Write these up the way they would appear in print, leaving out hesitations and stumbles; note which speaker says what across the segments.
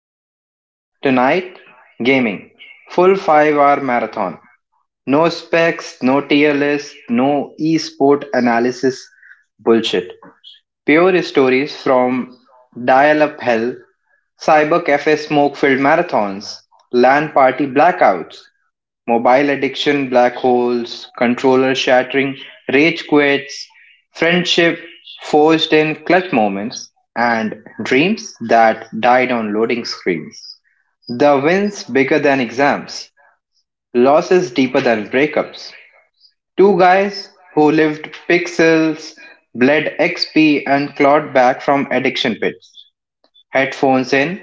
Speaker 1: Ritul. Tonight, gaming. Full 5-hour marathon. No specs, no tier list, no esport analysis bullshit. Pure stories from dial up hell, cyber cafe smoke filled marathons, LAN party blackouts, mobile addiction, black holes, controller shattering, rage quits, friendship forged in clutch moments, and dreams that died on loading screens. The wins bigger than exams, losses deeper than breakups. Two guys who lived pixels, bled XP, and clawed back from addiction pits. Headphones in,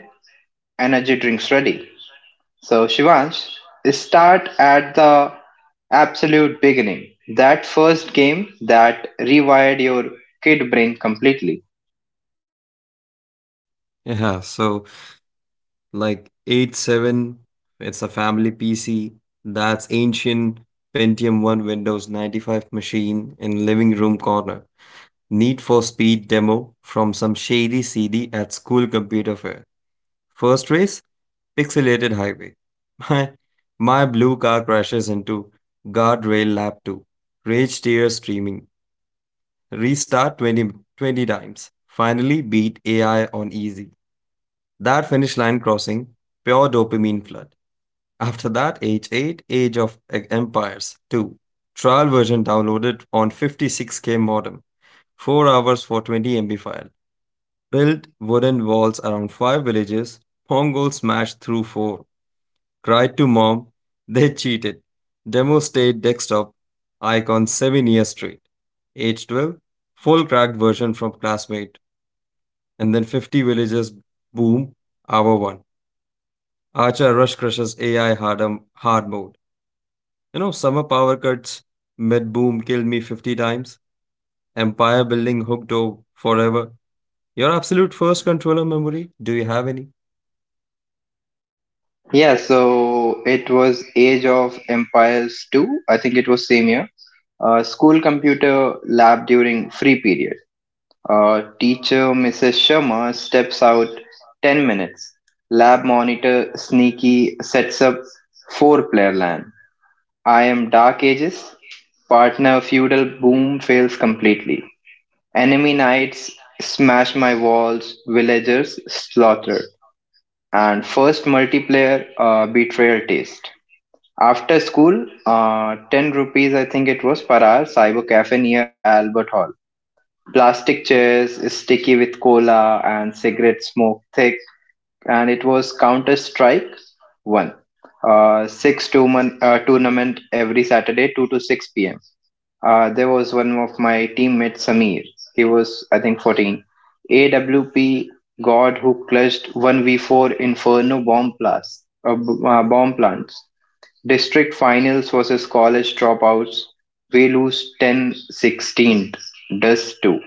Speaker 1: energy drinks ready. So, Shivansh, start at the absolute beginning. That first game that rewired your kid brain completely.
Speaker 2: Yeah, so like 87, it's a family PC. That's ancient Pentium 1 Windows 95 machine in living room corner. Need for Speed demo from some shady CD at school computer fair. First race, pixelated highway. My, my blue car crashes into guardrail lap 2. Rage tears streaming. Restart twenty times. Finally beat AI on easy. That finish line crossing, pure dopamine flood. After that, age 8, Age of Empires 2. Trial version downloaded on 56k modem. 4 hours for 20 MB file. Built wooden walls around 5 villages. Mongols smashed through 4. Cried to mom. They cheated. Demo stayed desktop. Icon 7 years straight. Age 12. Full cracked version from classmate. And then 50 villages boom. Hour 1. Archer rush crushes AI hard mode. You know, summer power cuts, mid boom killed me 50 times, empire building hooked over forever. Your absolute first controller memory, do you have any?
Speaker 1: Yeah, so it was Age of Empires 2. I think it was same year. School computer lab during free period. Teacher Mrs. Sharma steps out 10 minutes. Lab monitor sneaky sets up four player LAN. I am Dark Ages. Partner feudal boom fails completely. Enemy knights smash my walls, villagers slaughter. And first multiplayer betrayal taste. After school, 10 rupees I think it was per hour, cyber cafe near Albert Hall. Plastic chairs, sticky with cola and cigarette smoke thick, and it was Counter Strike One, six tournament every Saturday, two to six p.m. There was one of my teammates, Samir. He was I think 14. AWP God who clutched 1v4 Inferno bomb blast, bomb plants. District finals versus college dropouts. We lose 10-16. Does too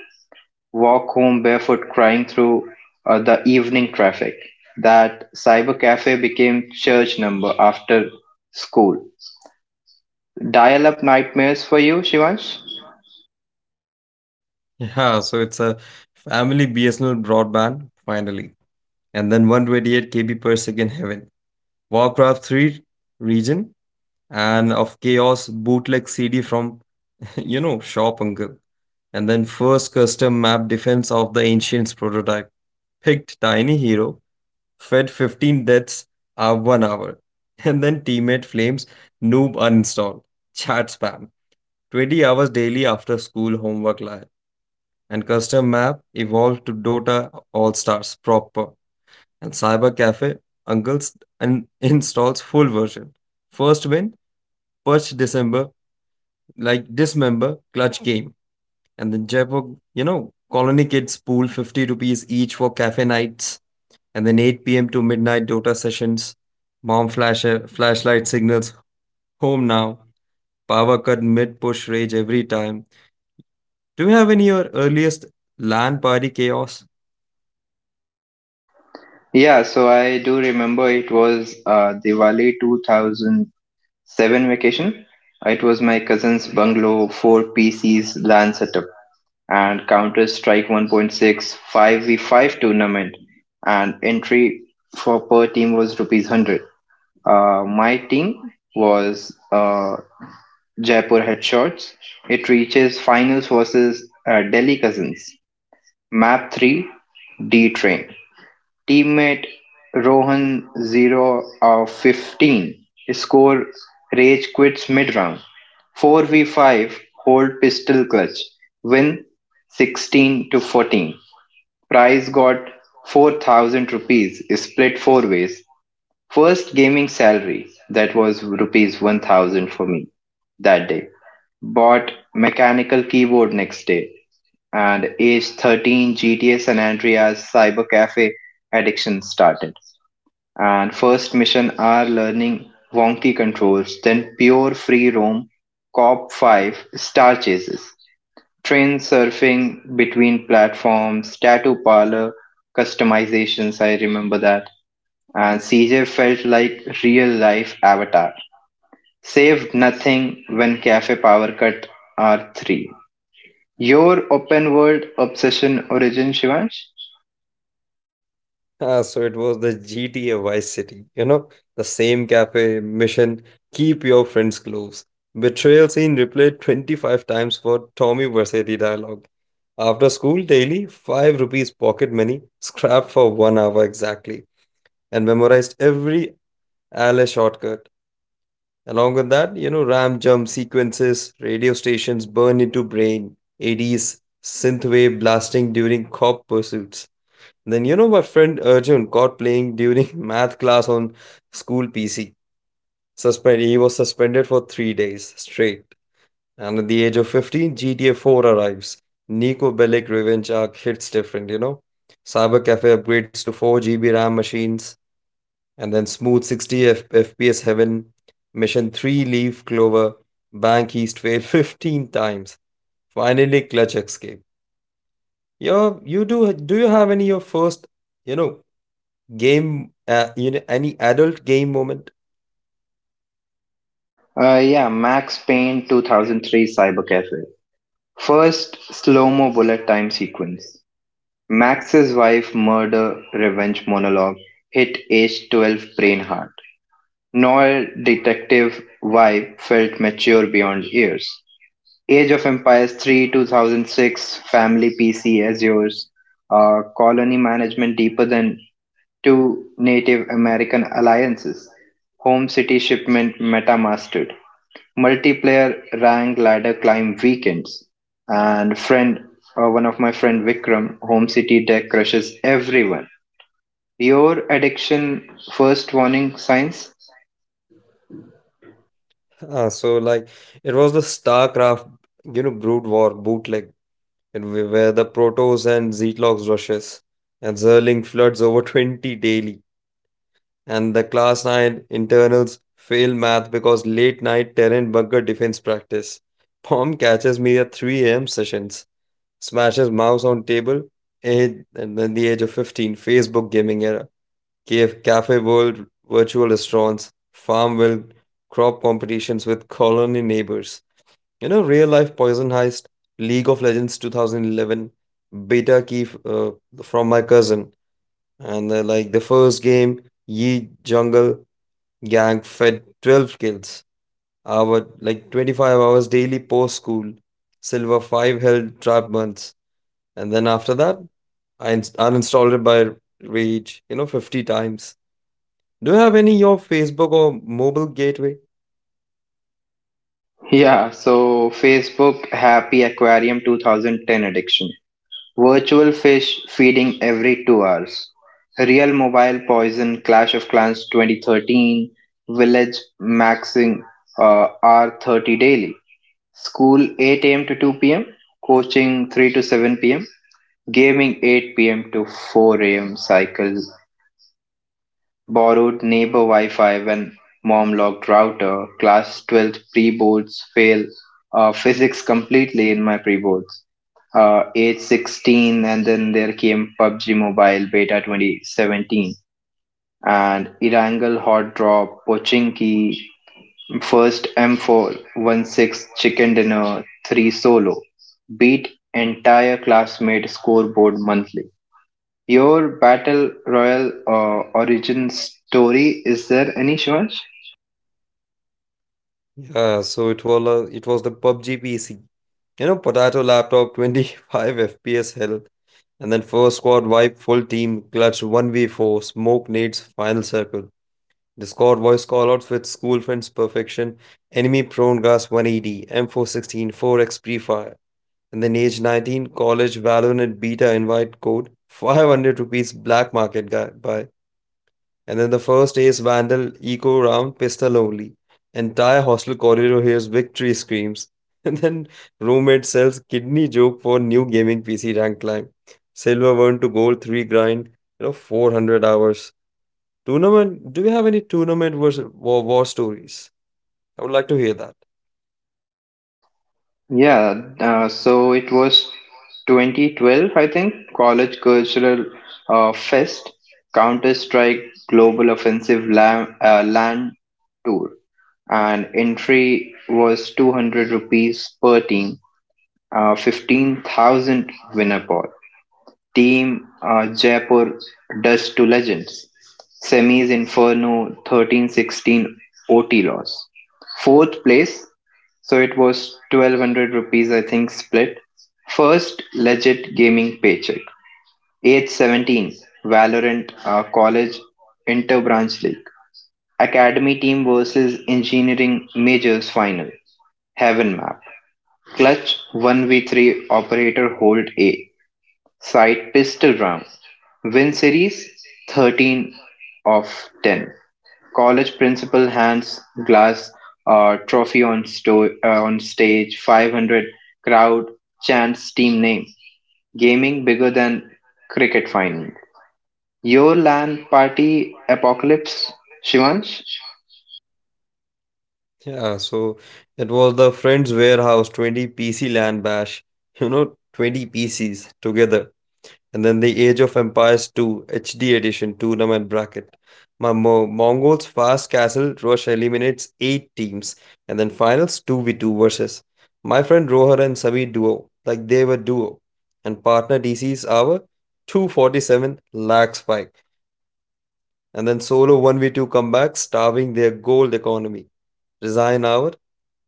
Speaker 1: walk home barefoot crying through the evening traffic. That cyber cafe became church number after school. Dial up nightmares for you, Shivansh?
Speaker 2: Yeah, so it's a family BSNL broadband, finally. And then 128 KB per second heaven. Warcraft 3 region and of chaos bootleg CD from, you know, shop uncle. And then first custom map defense of the ancients prototype picked Tiny Hero fed 15 deaths are 1 hour. And then teammate flames noob uninstall, chat spam, 20 hours daily after school homework lie, and custom map evolved to Dota All Stars proper, and cyber cafe uncles and installs full version. First win, purge December, like dismember, clutch game. And then Jaipur, you know, colony kids pool 50 rupees each for cafe nights. And then 8 p.m. to midnight Dota sessions, bomb flashlight signals, home now, power cut mid push rage every time. Do you have any your earliest LAN party chaos?
Speaker 1: Yeah, so I do remember it was Diwali 2007 vacation. It was my cousin's bungalow, 4 PCs LAN setup, and Counter Strike 1.6 5v5 tournament. And entry for per team was rupees 100. My team was Jaipur Headshots. It reaches finals versus Delhi Cousins. Map 3 D Train. Teammate Rohan 0 of 15. Score Rage quits mid round. 4v5 hold pistol clutch. Win 16 to 14. Prize got 4,000 rupees split 4 ways. First gaming salary, that was rupees 1,000 for me that day. Bought mechanical keyboard next day and age 13 GTA San Andreas cyber cafe addiction started. And first mission are learning wonky controls, then pure free roam, cop 5, star chases, train surfing between platforms, tattoo parlor, customizations, I remember that and CJ felt like real life avatar. Saved nothing when cafe power cut R3. Your open world obsession origin, Shivansh?
Speaker 2: Ah, so it was the GTA Vice City, you know, the same cafe mission, keep your friends close. Betrayal scene replayed 25 times for Tommy Versetti dialogue. After school, daily 5 rupees pocket money, scrapped for 1 hour exactly, and memorized every alley shortcut. Along with that, you know, RAM jump sequences, radio stations burn into brain, ADs, synthwave blasting during cop pursuits. Then my friend Arjun caught playing during math class on school PC. Suspend he was suspended for 3 days straight. And at the age of 15, GTA 4 arrives. Nico Bellic revenge arc hits different. Cyber cafe upgrades to 4 GB RAM machines, and then Smooth 60 FPS Heaven, Mission 3 Leaf Clover, Bank East fail 15 times. Finally, Clutch Escape. Yo, you do do you have any your first, you know, game, any adult game moment?
Speaker 1: Yeah, Max Payne 2003 Cyber Cafe. First slow mo bullet time sequence. Max's wife murder revenge monologue hit age 12 brain hard. Noir detective vibe felt mature beyond years. Age of Empires 3, 2006, Family PC as yours. Colony Management Deeper Than Two Native American Alliances, Home City Shipment Metamastered, Multiplayer Rank Ladder Climb Weekends, and friend, one of my friend Vikram, Home City deck crushes everyone. Your addiction first warning signs?
Speaker 2: Ah, so like it was the StarCraft, you know, Brood War bootleg, and we where the Protoss and Zerglocks rushes and Zerling floods over 20 daily. And the class 9 internals fail math because late night terrain bunker defense practice. Pom catches me at 3 a.m. sessions, smashes mouse on table, and then the age of 15, Facebook gaming era, cave, cafe world, virtual restaurants, farmville, crop competitions with colony neighbors. You know, real life poison heist, League of Legends 2011, beta key from my cousin, and like the first game, Yi Jungle, Gang fed 12 kills, hour like 25 hours daily post school. Silver 5 held trap months. And then after that, I uninstalled it by rage, you know, 50 times. Do you have any your Facebook or mobile gateway?
Speaker 1: Yeah, so Facebook Happy Aquarium 2010 addiction. Virtual fish feeding every 2 hours. Real mobile poison. Clash of Clans 2013. Village maxing R30 daily. School 8 a.m. to 2 p.m. Coaching 3 to 7 p.m. Gaming 8 p.m. to 4 a.m. Cycle Borrowed neighbor Wi-Fi when mom locked router. Class 12th pre-boards fail physics completely in my pre-boards. Age 16 and then there came PUBG Mobile Beta 2017 and Irangal Hot Drop, Pochinki, first M4, 1-6 Chicken Dinner, 3 Solo. Beat entire classmate scoreboard monthly your battle royal origin story is there any Shivansh?
Speaker 2: Yeah, so it was the PUBG PC. You know, potato laptop 25 FPS hell. And then first squad wipe full team, clutch 1v4, smoke nades, final circle. Discord voice callouts with school friends perfection, enemy prone gas 180, M416 4x pre-fire. And then age 19, college Valorant beta invite code, 500 rupees black market guy buy. And then the first ace vandal, eco round, pistol only. Entire hostel corridor hears victory screams. And then roommate sells kidney joke for new gaming PC rank climb. Silver 1 to gold 3 grind, you know, 400 hours. Tournament? Do we have any tournament versus war stories? I would like to hear that.
Speaker 1: Yeah so it was 2012 I think college cultural fest counter strike global offensive land tour and entry was 200 rupees per team 15,000 winner pot Team Jaipur dust to legends. Semis Inferno 1316 OT loss. Fourth place, so it was 1,200 rupees, I think, split. First legit gaming paycheck. Age 17, Valorant College Interbranch League. Academy team versus engineering majors final. Heaven map. Clutch 1v3 operator hold A. Side Pistol Round: Win Series 13 of ten. College principal hands Glass a trophy on stage. 500 crowd chants team name. Gaming bigger than cricket final. Your LAN party apocalypse, Shivansh.
Speaker 2: Yeah, so it was the Friends Warehouse 20 PC LAN bash. You know, 20 PCs together. And then the Age of Empires 2 HD edition tournament bracket. My Mongols Fast Castle Rush eliminates 8 teams. And then finals 2v2 versus. My friend Rohar and Sabi duo. Like they were duo. And partner DC's our 247 lakh spike. And then solo 1v2 comeback, starving their gold economy. Resign hour,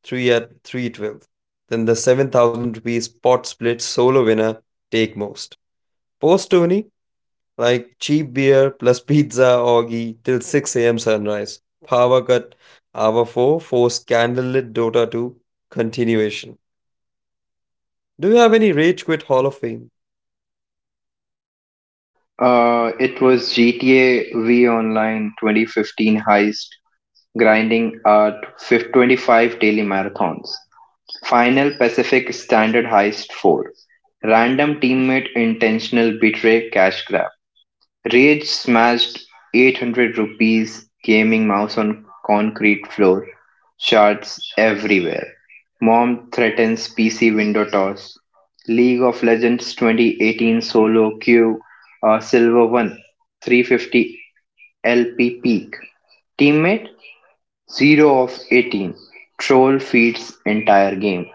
Speaker 2: 3 at 312. Then the 7,000 rupees pot split solo winner, take most. Post Tony, like cheap beer plus pizza orgy till 6 a.m. sunrise. Power cut, hour 4, force candlelit Dota 2, continuation. Do you have any Rage Quit Hall of Fame?
Speaker 1: It was GTA V Online 2015 heist, grinding at 25 daily marathons. Final Pacific Standard Heist four: Random teammate intentional betray cash grab. Rage smashed 800 rupees gaming mouse on concrete floor. Shards everywhere. Mom threatens PC window toss. League of Legends 2018 solo queue silver 1 350 LP peak. Teammate 0 of 18. Troll feeds entire game.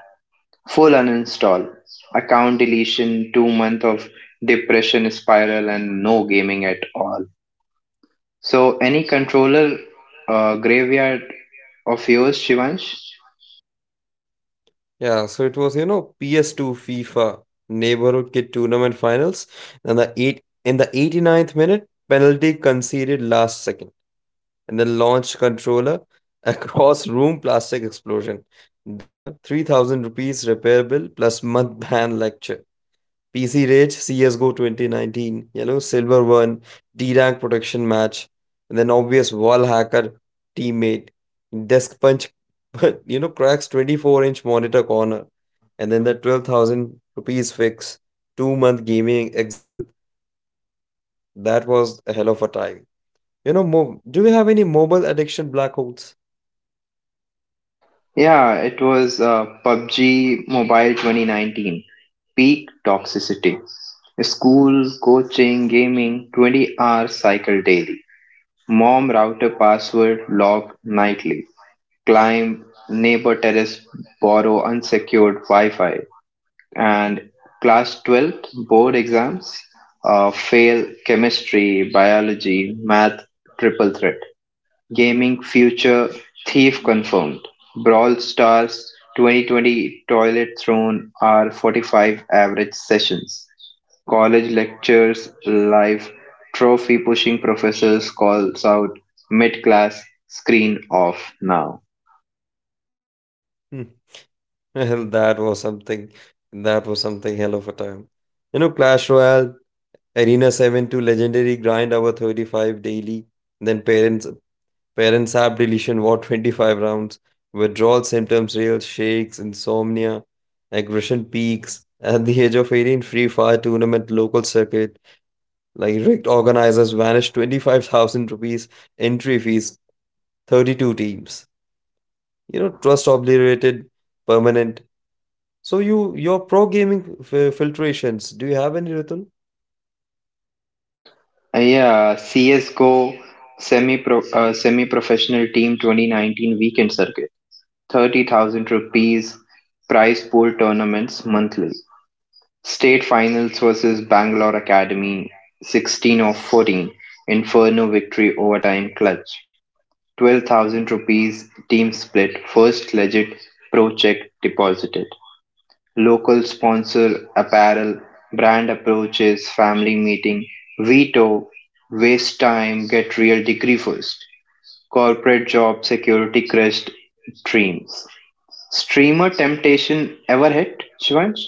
Speaker 1: Full uninstall, account deletion, 2 month of depression spiral, and no gaming at all. So, any controller graveyard of yours, Shivansh?
Speaker 2: Yeah, so it was, you know, PS2 FIFA Neighborhood Kid Tournament Finals. And the eight in the eighty ninth minute, penalty conceded last second. And then launched controller across room plastic explosion. Dad, 3,000 rupees repair bill plus mud ban lecture. PC Rage CSGO 2019, you know, Silver One, D rank protection match, and then obvious wall hacker teammate, desk punch, but you know, cracks 24-inch monitor corner, and then the 12,000 rupees fix, 2 month gaming exile. That was a hell of a time. You know, do we have any mobile addiction black holes?
Speaker 1: Yeah, it was PUBG Mobile 2019. Peak toxicity. School, coaching, gaming, 20-hour cycle daily. Mom router password log nightly. Climb neighbor terrace, borrow unsecured Wi Fi. And class 12th board exams fail chemistry, biology, math, triple threat, gaming future, thief confirmed, brawl stars, 2020 toilet throne are 45 average sessions, college lectures live, trophy pushing professors calls out mid class, screen off now.
Speaker 2: Hmm. Hell, that was something. That was something hell of a time. You know, Clash Royale, Arena 7 to legendary grind our 35 daily. Then parents app deletion war 25 rounds. Withdrawal symptoms real shakes, insomnia, aggression peaks. At the age of 18, free fire tournament local circuit. Like rigged organizers vanished 25,000 rupees entry fees, 32 teams. You know, trust obliterated, permanent. So your pro gaming filtrations. Do you have any Ritul?
Speaker 1: Yeah, CSGO semi professional team 2019 weekend circuit. 30,000 rupees prize pool tournaments monthly. State finals versus Bangalore Academy 16 of 14. Inferno victory overtime clutch. 12,000 rupees team split first legit pro check deposited local sponsor apparel, brand approaches, family meeting, veto, waste time, get real degree first, corporate job security crest dreams. Streamer temptation ever hit, Shivansh?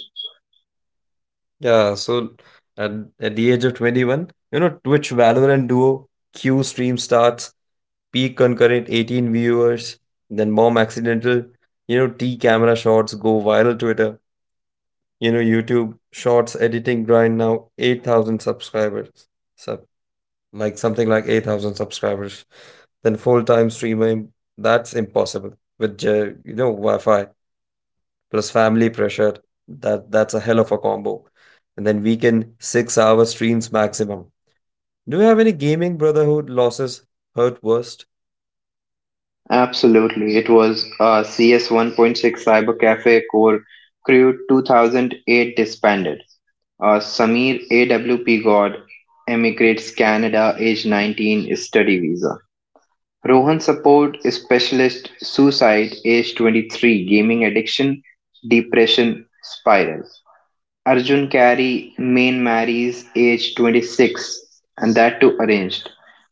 Speaker 2: Yeah, so at, at the age of 21, you know, Twitch Valorant Duo, Q stream starts, peak concurrent 18 viewers, then bomb accidental, you know, T camera shots go viral Twitter, you know, YouTube shorts editing grind now 8,000 subscribers. Sub like something like 8,000 subscribers. Then full-time streamer that's impossible with, you know, Wi-Fi plus family pressure. That's a hell of a combo. And then weekend 6 hour streams maximum. Do you have any gaming brotherhood losses hurt worst?
Speaker 1: Absolutely. It was CS 1.6 Cyber Cafe Core Crew 2008 disbanded. Samir AWP God emigrates Canada, age 19, study visa. Rohan support specialist suicide age 23 gaming addiction depression spiral. Arjun Kari main marries age 26 and that too arranged.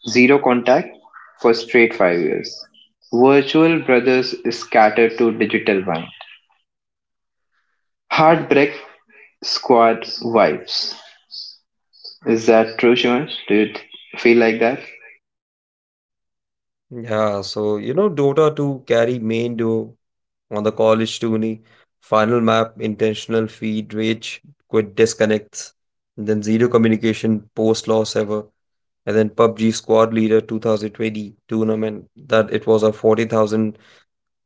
Speaker 1: Zero contact for straight 5 years. Virtual brothers scattered to digital wine. Heartbreak squad vibes. Is that true, Shivansh? Do you feel like that?
Speaker 2: Yeah, so you know Dota 2 carry main duo on the college tourney, final map, intentional feed, rage, quit disconnects, and then zero communication post loss ever. And then PUBG squad leader 2020 tournament that it was a 40,000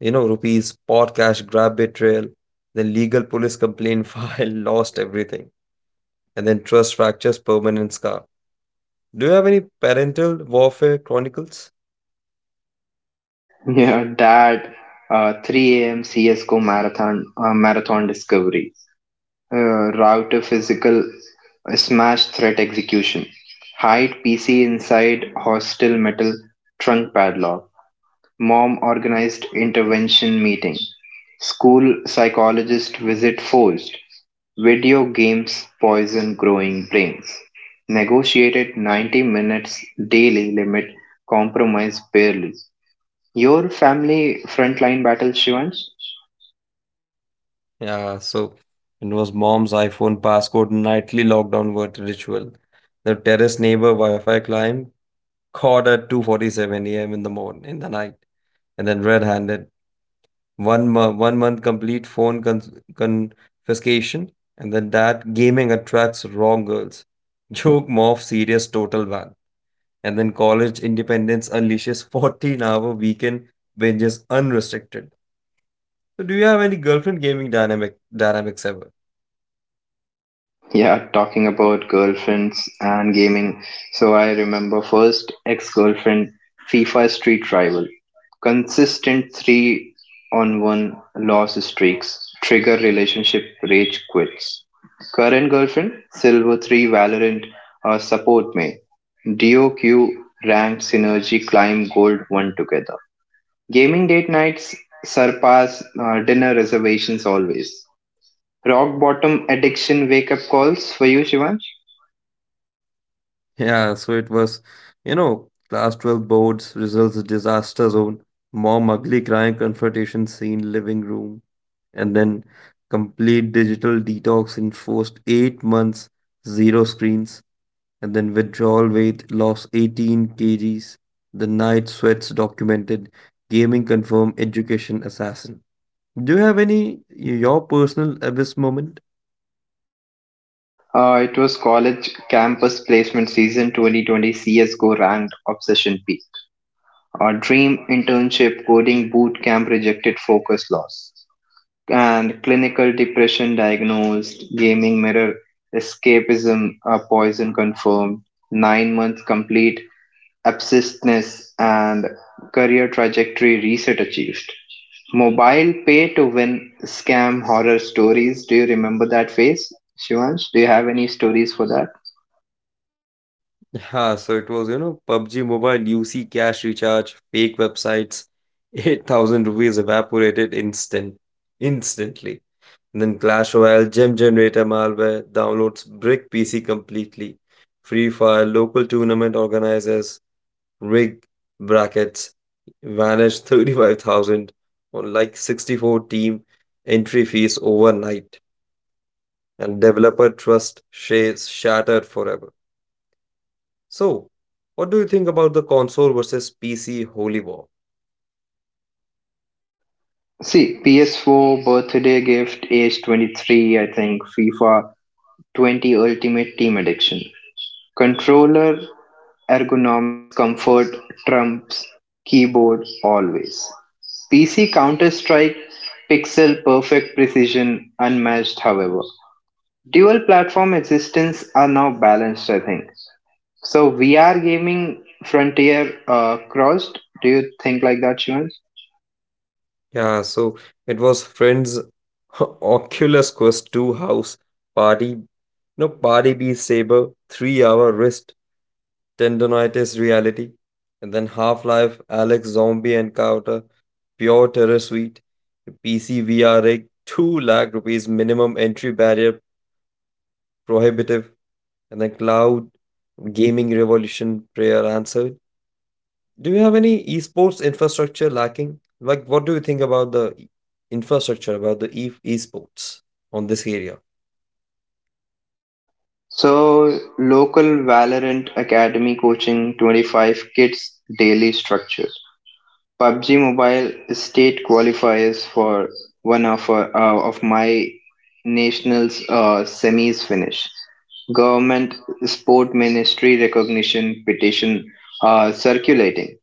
Speaker 2: you know, rupees, pot cash, grab betrayal, then legal police complaint file, lost everything, and then trust fractures, permanent scar. Do you have any parental warfare chronicles?
Speaker 1: Yeah, that 3 a.m. CSGO marathon discovery, route to physical smash threat execution, hide PC inside hostile metal trunk padlock, mom organized intervention meeting, school psychologist visit forced, video games poison growing brains, negotiated 90 minutes daily limit, compromise barely. Your family frontline battles, Shivans?
Speaker 2: Yeah, so it was mom's iPhone passcode, nightly lockdown word ritual. The terrace neighbor Wi-Fi climb caught at 2:47 a.m. in the morning, in the night, and then red-handed one month complete phone confiscation, and then that gaming attracts wrong girls. Joke morph serious total ban, and then college independence unleashes 14-hour weekend binges unrestricted. So, do you have any girlfriend gaming dynamics ever?
Speaker 1: Yeah, talking about girlfriends and gaming. So I remember first ex-girlfriend, FIFA Street Rival. Consistent 3-1 loss streaks. Trigger relationship rage quits. Current girlfriend, Silver 3 Valorant support me. DOQ ranked synergy climb gold one together. Gaming date nights surpass dinner reservations always. Rock bottom addiction wake up calls for you, Shivansh?
Speaker 2: Yeah, so it was, you know, class 12 boards, results disaster zone, mom ugly crying confrontation scene, living room, and then complete digital detox enforced 8 months, zero screens, and then withdrawal weight lost 18 kgs, the night sweats documented, gaming confirmed education assassin. Do you have any your personal abyss moment?
Speaker 1: It was college campus placement season 2020 CSGO ranked obsession peak. Dream internship coding boot camp rejected focus loss. And clinical depression diagnosed, gaming mirror escapism a poison confirmed, 9 months complete abscissness and career trajectory reset achieved. Mobile pay to win scam horror stories. Do you remember that phase, Shivansh? Do you have any stories for that?
Speaker 2: Yeah, so it was, you know, PUBG Mobile, UC cash recharge, fake websites, 8,000 rupees evaporated instantly. And then Clash Royale, gem generator malware, downloads brick PC completely. Free Fire, local tournament organizers, rig brackets, vanished 35,000 on like 64 team entry fees overnight. And developer trust shares shattered forever. So, what do you think about the console versus PC holy war?
Speaker 1: See, PS4 birthday gift, age 23, I think, FIFA 20 Ultimate Team Addiction. Controller ergonomics comfort trumps keyboard always. PC Counter Strike pixel perfect precision unmatched, however. Dual platform existence are now balanced, I think. So VR gaming frontier crossed. Do you think like that, Shivan?
Speaker 2: Yeah, so it was friends Oculus Quest 2 house party, no party be saber, 3-hour wrist tendonitis reality, and then Half-Life Alex zombie encounter, pure terror suite, the PC VR rig, 2 lakh rupees minimum entry barrier prohibitive, and then cloud gaming revolution prayer answered. Do you have any esports infrastructure lacking? Like, what do you think about the infrastructure, about the esports on this area?
Speaker 1: So local Valorant Academy coaching 25 kids daily structure. PUBG Mobile state qualifiers for one of my nationals semis finish. Government sport ministry recognition petition circulating.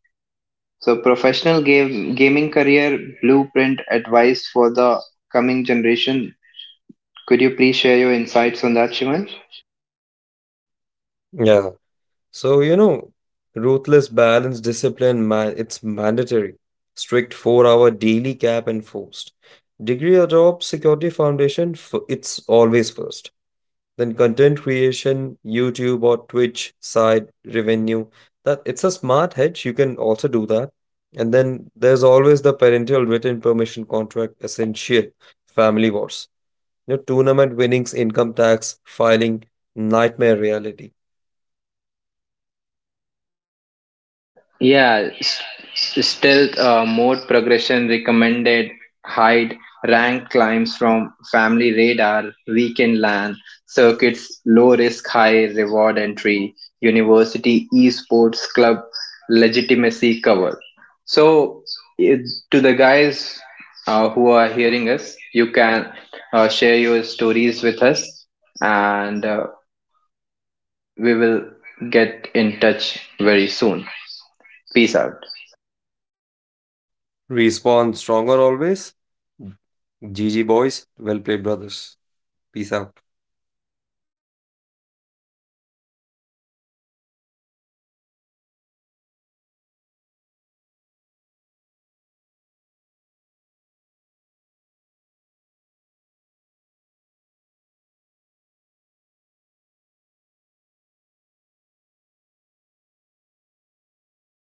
Speaker 1: So professional game gaming career blueprint advice for the coming generation. Could you please share your insights on that, Shivan?
Speaker 2: Yeah. So, you know, ruthless balance, discipline, man, it's mandatory. Strict 4 hour daily cap enforced. Degree or job security foundation, it's always first. Then content creation, YouTube or Twitch side revenue. That it's a smart hedge. You can also do that. And then there's always the parental written permission contract essential family wars. You know, tournament winnings, income tax, filing, nightmare reality.
Speaker 1: Yeah, stealth mode progression recommended, hide, rank climbs from family radar, weekend LAN, circuits, low risk, high reward entry, university, esports club, legitimacy cover. So, it, to the guys who are hearing us, you can share your stories with us and we will get in touch very soon. Peace out.
Speaker 2: Respawn stronger always. GG boys. Well played brothers. Peace out.